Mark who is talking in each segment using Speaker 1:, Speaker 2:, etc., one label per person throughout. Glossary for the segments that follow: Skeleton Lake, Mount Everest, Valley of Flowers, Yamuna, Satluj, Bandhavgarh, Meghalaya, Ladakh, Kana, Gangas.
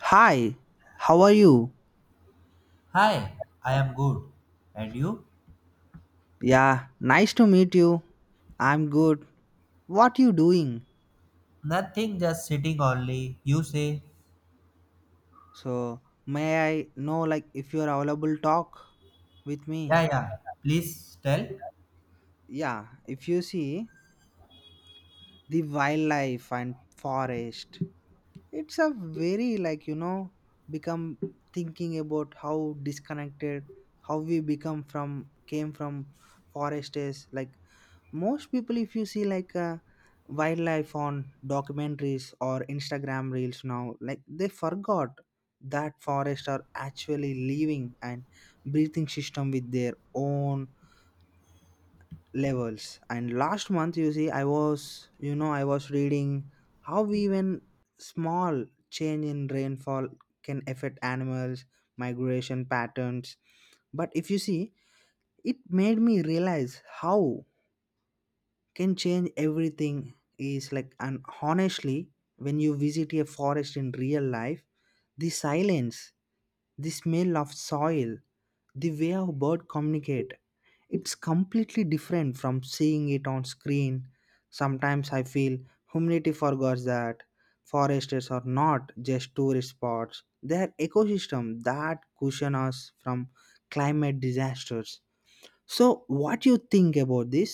Speaker 1: Hi, how are you?
Speaker 2: Hi, I am good. And you?
Speaker 1: Yeah, nice to meet you. I'm good. What you doing?
Speaker 2: Nothing, just sitting only. You say,
Speaker 1: So, may I know like if you are available talk with
Speaker 2: yeah,
Speaker 1: me?
Speaker 2: yeah, please tell.
Speaker 1: Yeah, if you see the wildlife and forest, it's a very like, become thinking about how disconnected, how we become from, came from forest is like most people if you see like wildlife on documentaries or Instagram reels now like they forgot that forests are actually living and breathing system with their own levels. And last month you see I was reading how even small change in rainfall can affect animals migration patterns. But if you see, it made me realize how can change everything is like. And honestly, when you visit a forest in real life, the silence, the smell of soil, the way our bird communicate, it's completely different from seeing it on screen. Sometimes I feel humanity forgets that forests are not just tourist spots, they're ecosystem that cushion us from climate disasters. So what you think about this?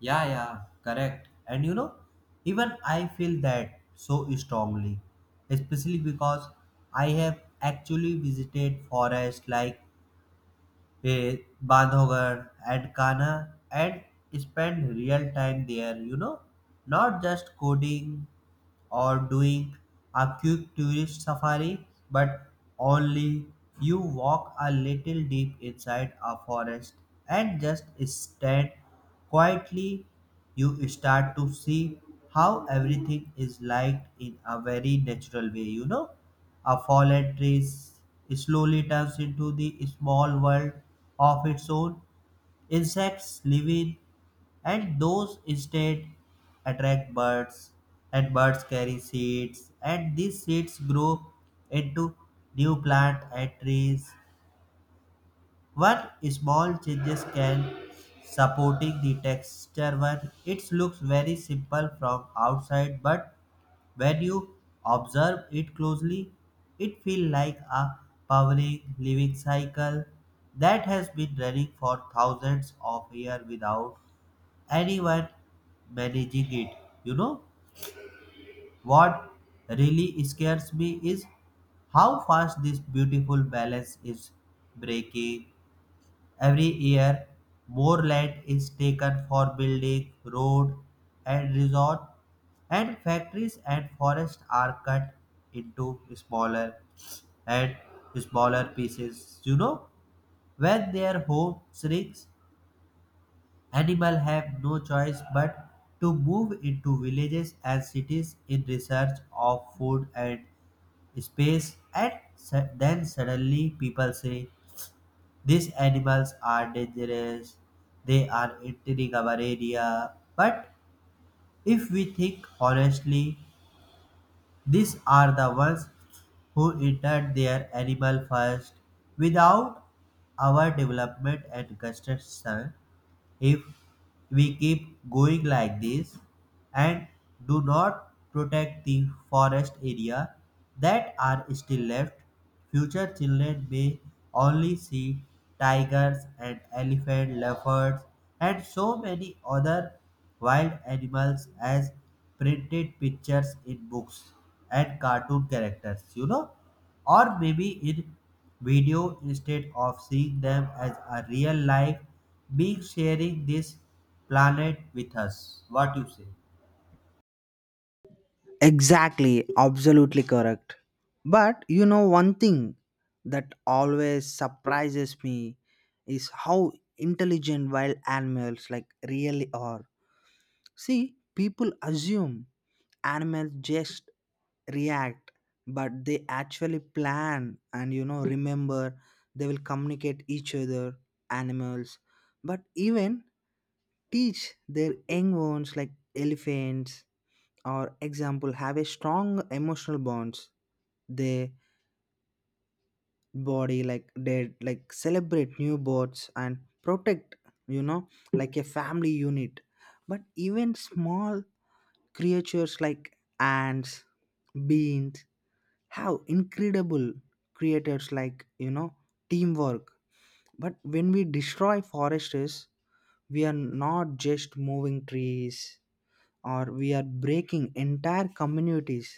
Speaker 2: Yeah, yeah, correct. And you know, even I feel that so strongly, especially because I have actually visited forests like eh, Bandhavgarh and Kana and spent real time there, you know, not just coding or doing a quick tourist safari, but only you walk a little deep inside a forest and just stand quietly, you start to see how everything is liked in a very natural way. You know, a slowly turns into the small world of its own. Insects living and those instead attract birds and birds carry seeds and these seeds grow into new plant and trees. One small changes can supporting the texture one. It looks very simple from outside, but when you observe it closely it feels like a powering living cycle that has been running for thousands of years without anyone managing it. You know what really scares me is how fast this beautiful balance is breaking. Every year, more land is taken for building, road, and resort, and factories and forests are cut into smaller and smaller pieces. You know, when their home shrinks, animals have no choice but to move into villages and cities in search of food and space, and then suddenly people say, these animals are dangerous, they are entering our area. But if we think honestly, these are the ones who entered their animal first. Without our development and construction, if we keep going like this, and do not protect the forest area that are still left, future children may only see tigers and elephant, leopards, and so many other wild animals as printed pictures in books and cartoon characters, you know, or maybe in video instead of seeing them as a real life being sharing this planet with us. What you say?
Speaker 1: Exactly, absolutely correct. But you know, one thing that always surprises me is how intelligent wild animals like really are. See, people assume animals just react, but they actually plan and, you know, remember they will communicate each other, animals, but even teach their young ones like elephants or example have a strong emotional bonds. They body like they like celebrate new births and protect, you know, like a family unit. But even small creatures like ants, beans have incredible creators like, you know, teamwork. But when we destroy forests, we are not just moving trees, or we are breaking entire communities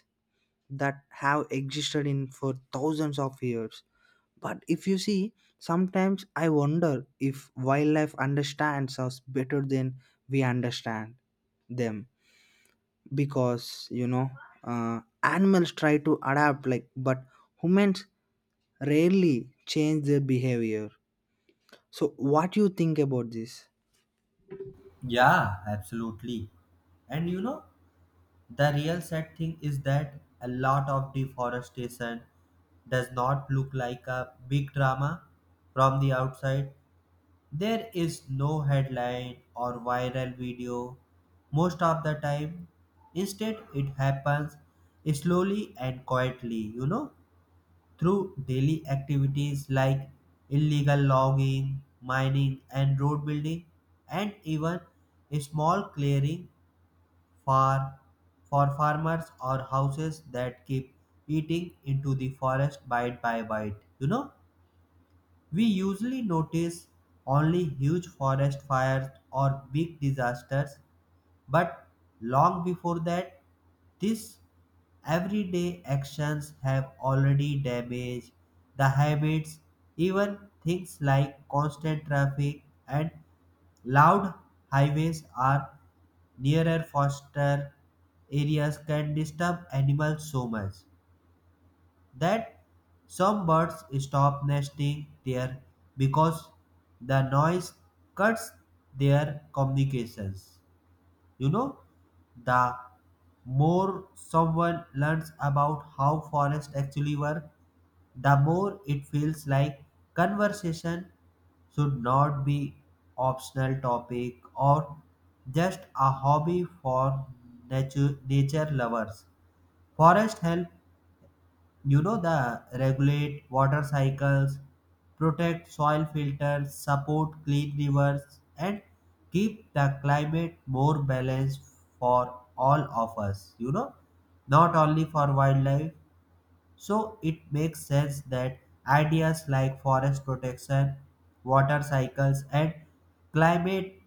Speaker 1: that have existed in for thousands of years. But if you see, sometimes I wonder if wildlife understands us better than we understand them, because you know, animals try to adapt like, but humans rarely change their behavior. So what do you think about this?
Speaker 2: Yeah, absolutely. And you know, the real sad thing is that a lot of deforestation does not look like a big drama from the outside. There is no headline or viral video most of the time. Instead, it happens slowly and quietly, you know, through daily activities like illegal logging, mining, and road building, and even a small clearing for for farmers or houses that keep eating into the forest bite by bite. We usually notice only huge forest fires or big disasters, but long before that these everyday actions have already damaged the habits, even things like constant traffic and loud highways are nearer foster areas can disturb animals so much that some birds stop nesting there because the noise cuts their communications. You know, the more someone learns about how forests actually work, the more it feels like conversation should not be optional topic or just a hobby for nature lovers. Forest help, you know, the regulate water cycles, protect soil filters, support clean rivers, and keep the climate more balanced for all of us, you know, not only for wildlife. So it makes sense that ideas like forest protection, water cycles, and climate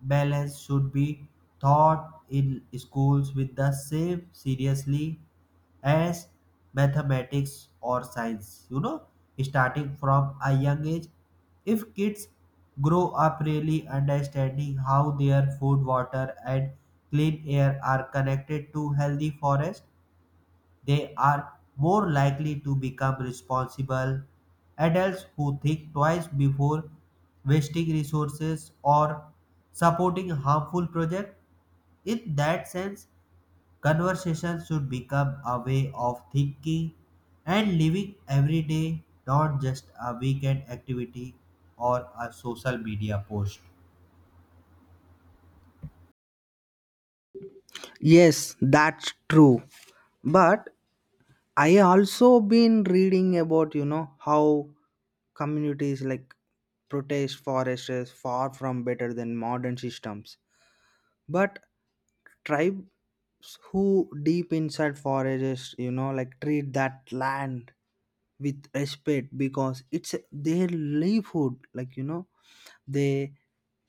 Speaker 2: balance should be taught in schools with the same seriously as mathematics or science. You know, starting from a young age, if kids grow up really understanding how their food, water, and clean air are connected to healthy forest, they are more likely to become responsible adults who think twice before wasting resources or supporting harmful projects. In that sense, conversation should become a way of thinking and living every day, not just a weekend activity or a social media post.
Speaker 1: Yes, that's true. But I also been reading about, you know, how communities like protest forests is far from better than modern systems, but tribes who deep inside forests, you know, like treat that land with respect because it's their livelihood, like, you know, they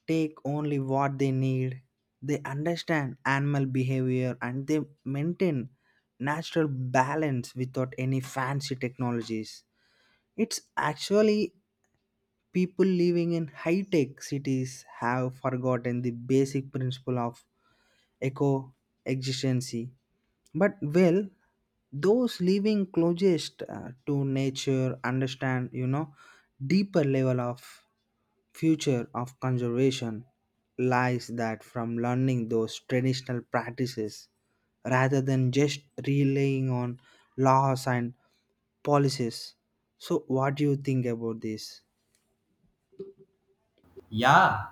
Speaker 1: take only what they need. They understand animal behavior and they maintain natural balance without any fancy technologies. It's actually people living in high tech cities have forgotten the basic principle of eco existence. But well, those living closest to nature understand, you know, deeper level of future of conservation lies that from learning those traditional practices rather than just relying on laws and policies. So what do you think about this?
Speaker 2: Yeah.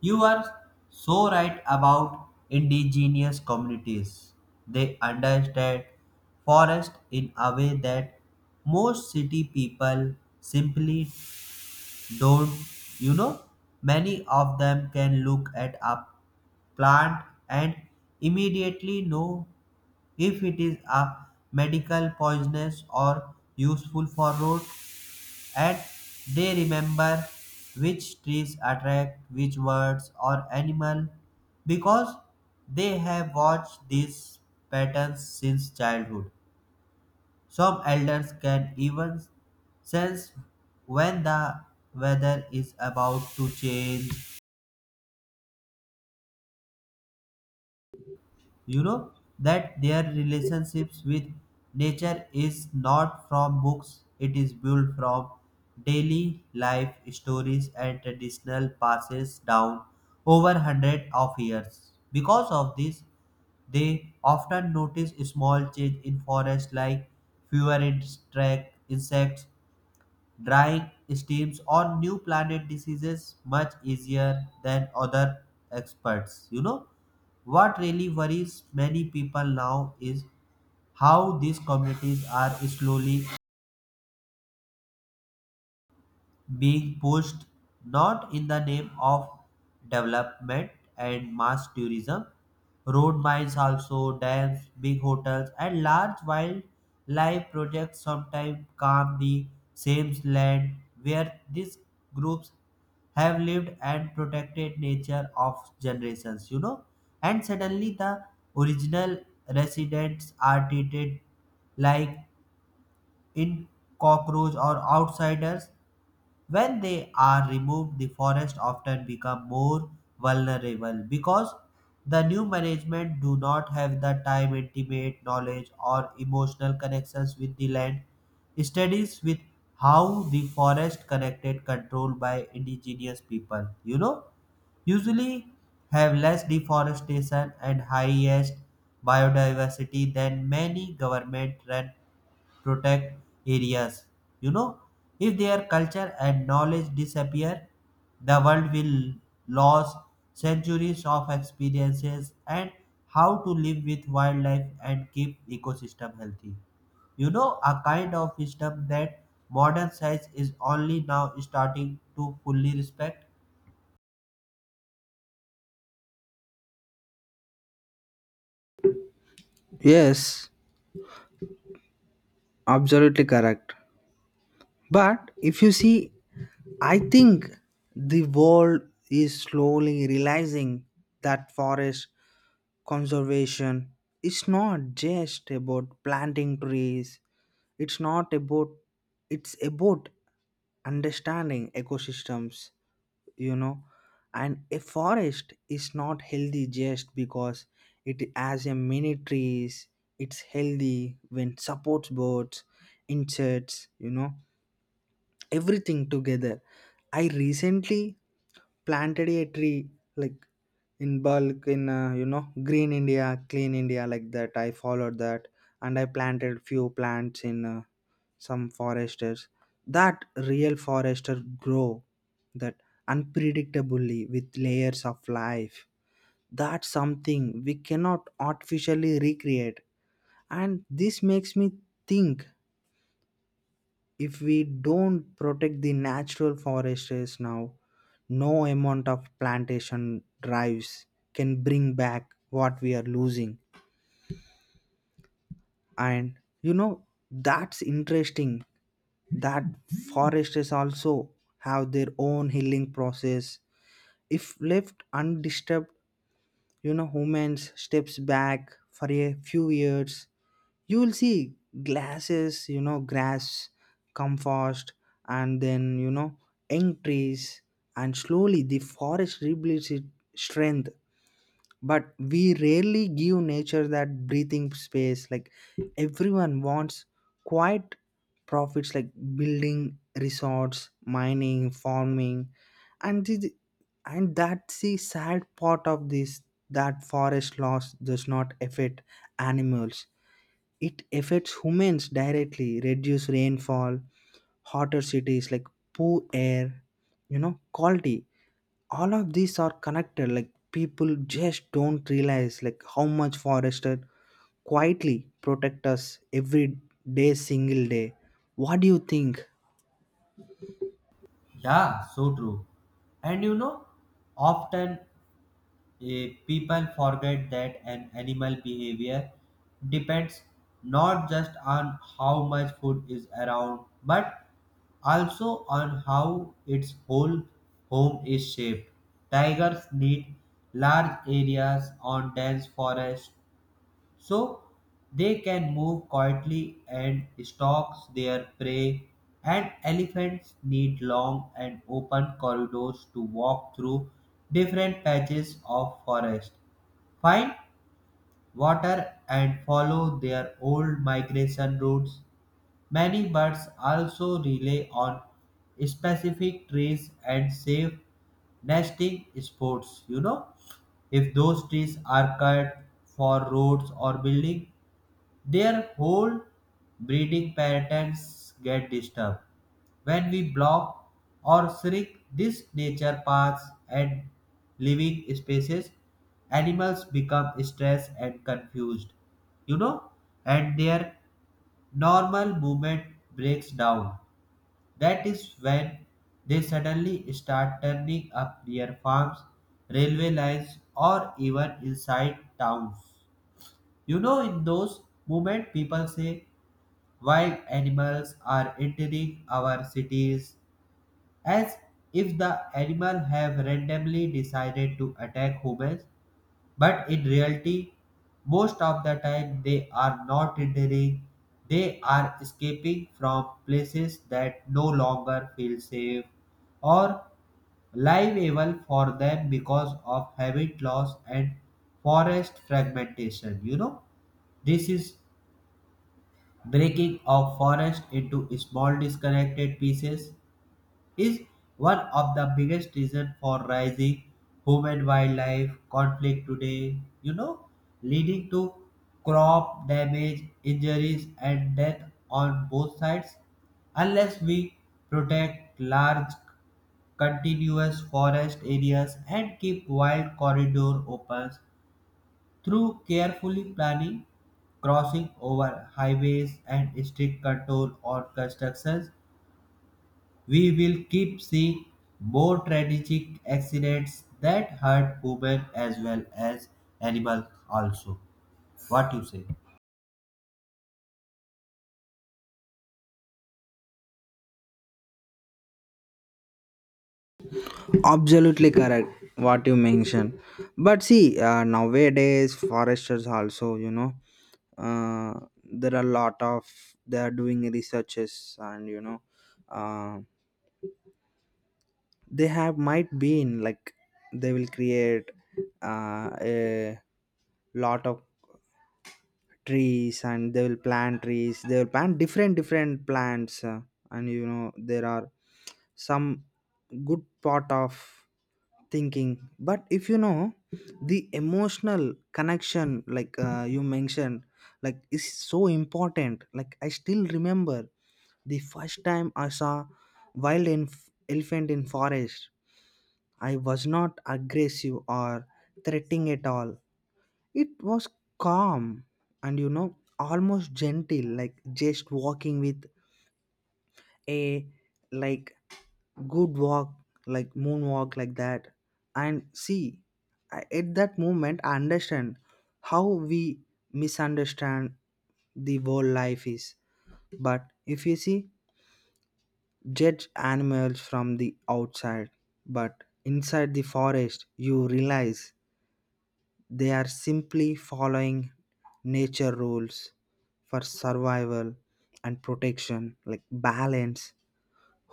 Speaker 2: You are so right about indigenous communities. They understand forest in a way that most city people simply don't. You know, many of them can look at a plant and immediately know if it is a medical poisonous or useful for road, and they remember which trees attract which words or animal because they have watched these patterns since childhood. Some elders can even sense when the weather is about to change, you know, that their relationships with nature is not from books, it is built from daily life stories and traditional passes down over hundred of years. Because of this they often notice small change in forest like insects, drying steams on new planet diseases much easier than other experts. You know what really worries many people now is how these communities are slowly being pushed, not in the name of development and mass tourism. Road mines also, dams, big hotels, and large wildlife projects sometimes calm the same land where these groups have lived and protected nature of generations, you know. And suddenly the original residents are treated like in cockroach or outsiders. When they are removed, the forest often become more vulnerable because the new management do not have the time, intimate knowledge, or emotional connections with the land. Studies with how the forest connected control by indigenous people, you know, usually have less deforestation and highest biodiversity than many government run protect areas. You know, if their culture and knowledge disappear, the world will lose centuries of experiences and how to live with wildlife and keep ecosystem healthy, you know, a kind of wisdom that modern science is only now starting to fully respect.
Speaker 1: Yes, absolutely correct. But if you see, I think the world is slowly realizing that forest conservation is not just about planting trees. It's not about it's about understanding ecosystems, you know. And a forest is not healthy just because it has a many trees. It's healthy when supports birds, insects, you know, everything together. I recently planted a tree like in bulk in you know, green India, clean India like that. I followed that and I planted few plants in some foresters. That real forester grow that unpredictably with layers of life. That's something we cannot artificially recreate. And this makes me think, if we don't protect the natural forests now, no amount of plantation drives can bring back what we are losing. And you know, that's interesting that forests also have their own healing process. If left undisturbed, you know, humans steps back for a few years, you will see glasses, you know, grass come fast, and then, you know, young trees, and slowly the forest rebuilds its strength. But we rarely give nature that breathing space. Like everyone wants quiet profits like building resorts, mining, farming, and and that's the sad part of this, that forest loss does not affect animals, it affects humans directly, reduce rainfall, hotter cities like poor air, you know, quality. All of these are connected. Like people just don't realize like how much forested quietly protect us every day, single day. What do you think?
Speaker 2: Yeah, so true. And you know, often people forget that an animal behavior depends not just on how much food is around but also on how its whole home is shaped. Tigers need large areas on dense forest so they can move quietly and stalk their prey, and elephants need long and open corridors to walk through different patches of forest, find water and follow their old migration routes. Many birds also rely on specific trees and safe nesting spots. You know, if those trees are cut for roads or building, their whole breeding patterns get disturbed. When we block or shrink these nature paths and living spaces, animals become stressed and confused, you know, and their normal movement breaks down. That is when they suddenly start turning up near farms, railway lines, or even inside towns. You know, in those moments, people say wild animals are entering our cities as if the animal have randomly decided to attack humans, but in reality most of the time they are not entering, they are escaping from places that no longer feel safe or liable for them because of habit loss and forest fragmentation. You know, this is breaking of forest into small disconnected pieces is one of the biggest reasons for rising human wildlife conflict today, you know, leading to crop damage, injuries, and death on both sides. Unless we protect large continuous forest areas and keep wild corridors open through carefully planning crossing over highways and strict control on constructions, we will keep seeing more tragic accidents that hurt women as well as animals also. What you say?
Speaker 1: Absolutely correct, what you mentioned. But see, nowadays foresters also, you know, there are a lot of, they are doing researches. And you know, uh, they have might be in like they will create a lot of trees, and they will plant trees, they will plant different different plants, and you know, there are some good part of thinking. But if you know, the emotional connection like, you mentioned, like is so important. Like I still remember the first time I saw elephant in forest. I was not aggressive or threatening at all. It was calm and, you know, almost gentle, like just walking with a, like good walk, like moonwalk like that. And see, at that moment, I understand how we misunderstand the whole life is. But if you see, judge animals from the outside, but inside the forest, you realize they are simply following nature rules for survival and protection, like balance.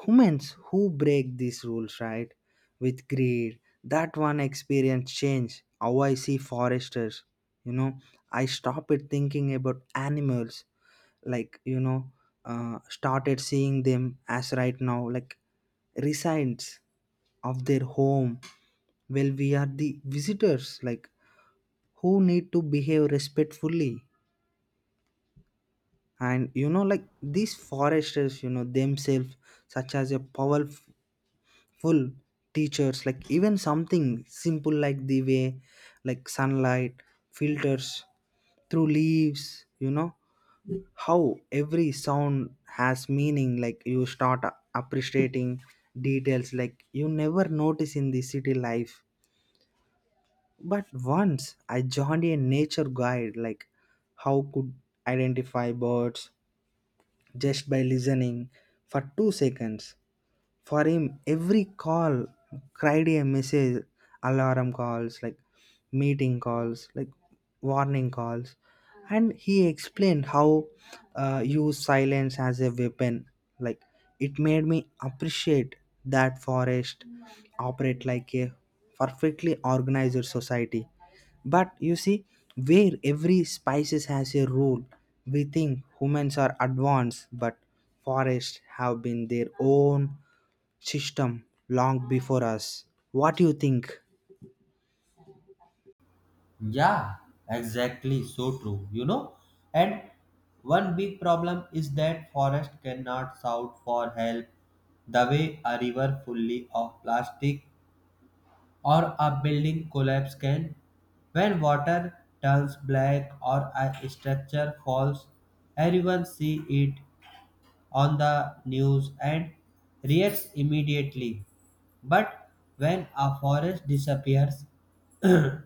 Speaker 1: Humans who break these rules, right, with greed, that one experience change. How I see foresters, you know, I stopped thinking about animals, like, you know, started seeing them as right now, like residents of their home. Well, we are the visitors like who need to behave respectfully. And you know, like these foresters, you know, themselves such as a powerful teachers. Like even something simple like the way like sunlight filters through leaves, you know, how every sound has meaning. Like you start appreciating details like you never notice in the city life. But once I joined a nature guide, like how could identify birds just by listening for 2 seconds. For him, every call cried a message, alarm calls, like meeting calls, like warning calls. And he explained how use silence as a weapon. Like it made me appreciate that forest operate like a perfectly organized society. But you see, where every species has a role, we think humans are advanced, but forests have been their own system long before us. What do you think?
Speaker 2: Yeah, exactly. So true. You know, and one big problem is that forest cannot shout for help the way a river fully of plastic or a building collapse can. When water turns black or a structure falls, everyone sees it on the news and reacts immediately. But when a forest disappears,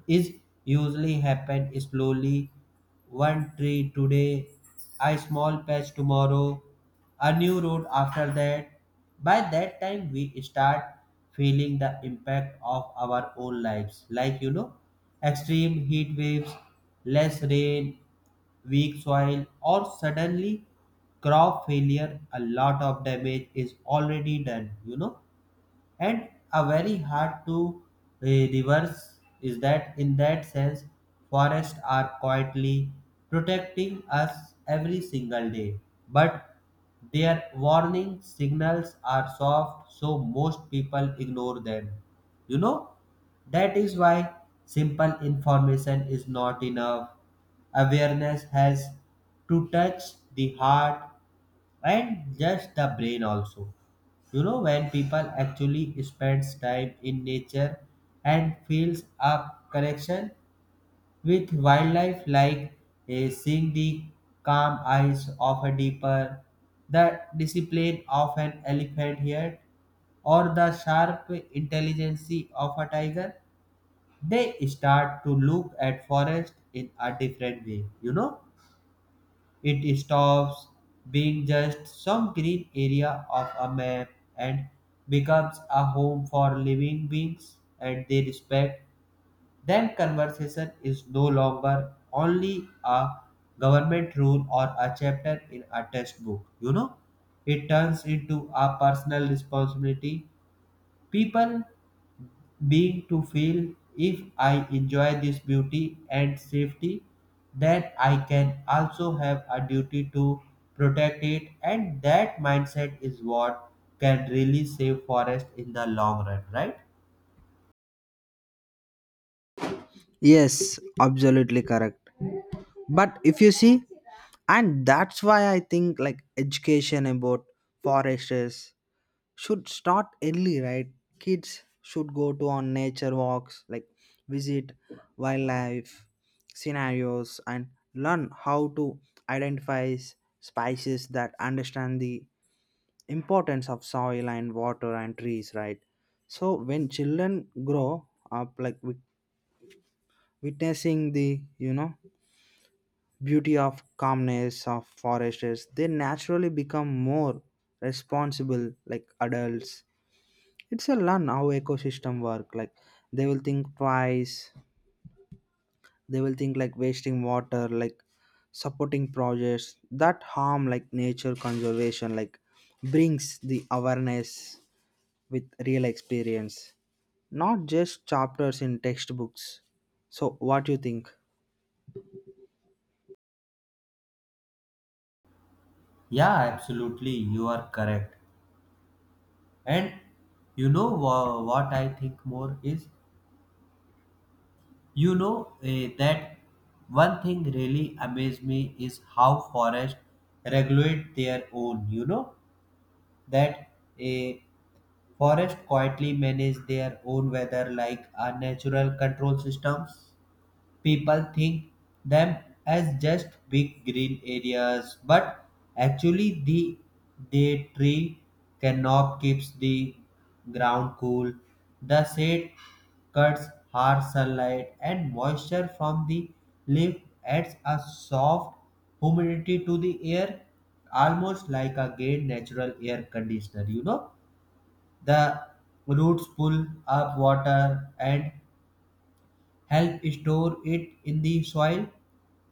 Speaker 2: is usually happen slowly, one tree today, a small patch tomorrow, a new road after that. By that time we start feeling the impact of our own lives, like you know, extreme heat waves, less rain, weak soil, or suddenly crop failure, a lot of damage is already done. You know, and a very hard to reverse is that. In that sense, forests are quietly protecting us every single day, but their warning signals are soft so most people ignore them. You know, that is why simple information is not enough. Awareness has to touch the heart and just the brain also. You know, when people actually spends time in nature and feels a connection with wildlife, like seeing the calm eyes of a deeper, the discipline of an elephant here, or the sharp intelligence of a tiger, they start to look at forest in a different way. You know, it stops being just some green area of a map and becomes a home for living beings and they respect. Then conversation is no longer only a government rule or a chapter in a textbook. You know, it turns into a personal responsibility. People being to feel if I enjoy this beauty and safety, then I can also have a duty to protect it, and that mindset is what can really save forest in the long run, right?
Speaker 1: Yes, absolutely correct. But if you see, and that's why I think like education about foresters should start early, right? Kids should go to on nature walks, like visit wildlife scenarios and learn how to identify spices, that understand the importance of soil and water and trees, right? So when children grow up like witnessing the, you know, beauty of calmness of forests, they naturally become more responsible like adults. It's a learn how ecosystem work. Like they will think twice, they will think like wasting water, like supporting projects that harm, like nature conservation, like brings the awareness with real experience, not just chapters in textbooks. So, what do you think?
Speaker 2: Yeah, absolutely, you are correct. And you know what I think more is, you know that one thing really amazed me is how forest regulate their own. You know that eh, forests quietly manage their own weather like a natural control system. People think them as just big green areas, but actually the they tree canop keeps the ground cool. The shade cuts harsh sunlight, and moisture from the leaf adds a soft humidity to the air, almost like a great natural air conditioner, you know. The roots pull up water and help store it in the soil,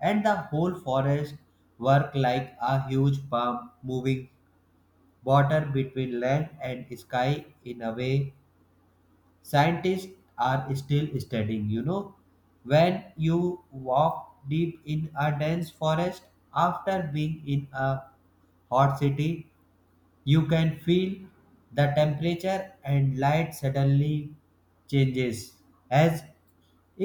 Speaker 2: and the whole forest work like a huge pump moving water between land and sky in a way scientists are still studying. You know, when you walk deep in a dense forest after being in a hot city, you can feel the temperature and light suddenly changes as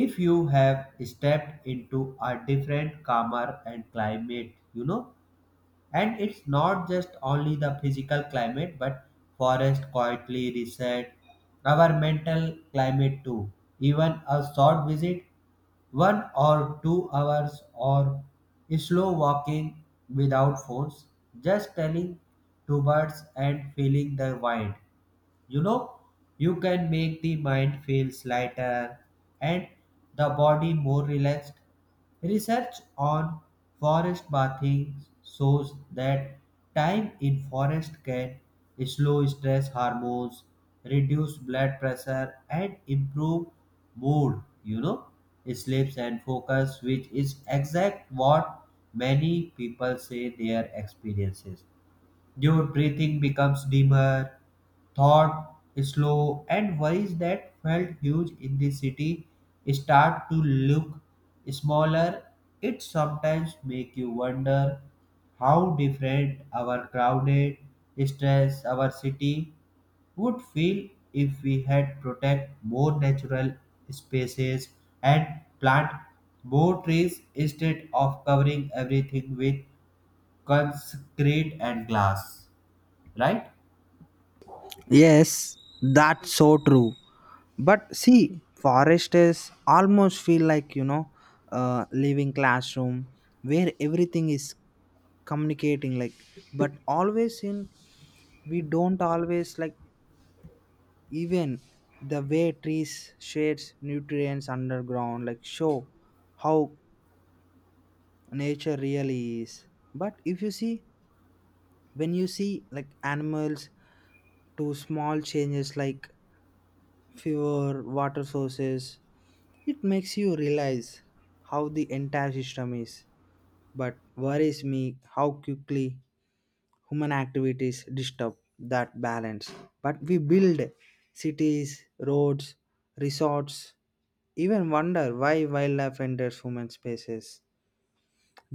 Speaker 2: if you have stepped into a different calmer and climate. You know, and it's not just only the physical climate, but forest quietly reset our mental climate too. Even a short visit, 1 or 2 hours, or slow walking without phones, just telling to birds and feeling the wind, you know, you can make the mind feels lighter and the body more relaxed. Research on forest bathing shows that time in forest can slow stress hormones, reduce blood pressure and improve mood, you know, sleeps and focus, which is exact what many people say their experiences. Your breathing becomes dimmer. Thought slow and worries that felt huge in the city start to look smaller. It sometimes make you wonder how different our crowded, stressed our city would feel if we had protect more natural spaces and plant more trees instead of covering everything with concrete and glass, right?
Speaker 1: Yes, that's so true. But see, foresters almost feel like, you know, living classroom where everything is communicating. Like, but always in we don't always like even the way trees shades nutrients underground like show how nature really is. But if you see, when you see like animals to small changes like fewer water sources, it makes you realize how the entire system is. But worries me how quickly human activities disturb that balance. But we build cities, roads, resorts, even wonder why wildlife enters human spaces.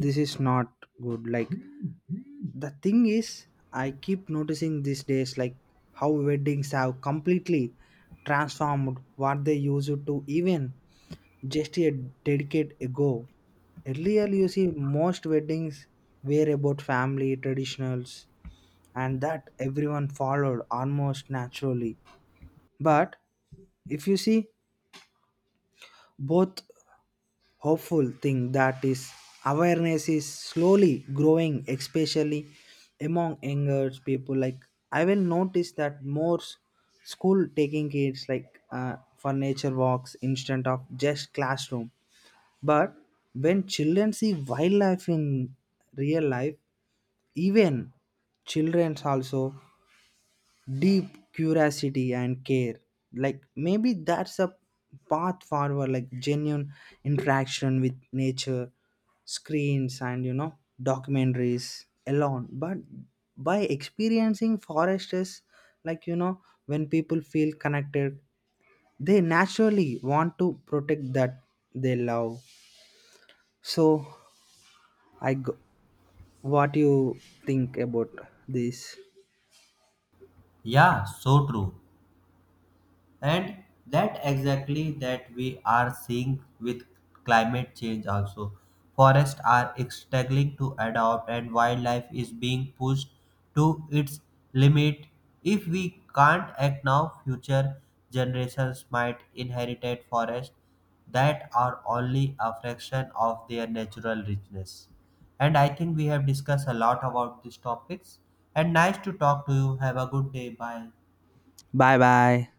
Speaker 1: This is not good. Like the thing is, I keep noticing these days like how weddings have completely transformed what they used to even just a decade ago. Earlier you see, most weddings were about family traditionals and that everyone followed almost naturally. But if you see, both hopeful thing that is awareness is slowly growing, especially among younger people. Like I will notice that more school taking kids like for nature walks instead of just classroom. But when children see wildlife in real life, even children also deep curiosity and care. Like maybe that's a path forward, like genuine interaction with nature, screens and, you know, documentaries alone, but by experiencing forest is like, you know, when people feel connected, they naturally want to protect that they love. So I go, what you think about this?
Speaker 2: Yeah, so true. And that exactly that we are seeing with climate change also. Forests are struggling to adapt and wildlife is being pushed to its limit. If we can't act now, future generations might inherit forests that are only a fraction of their natural richness. And I think we have discussed a lot about these topics, and nice to talk to you. Have a good day, bye.
Speaker 1: Bye bye.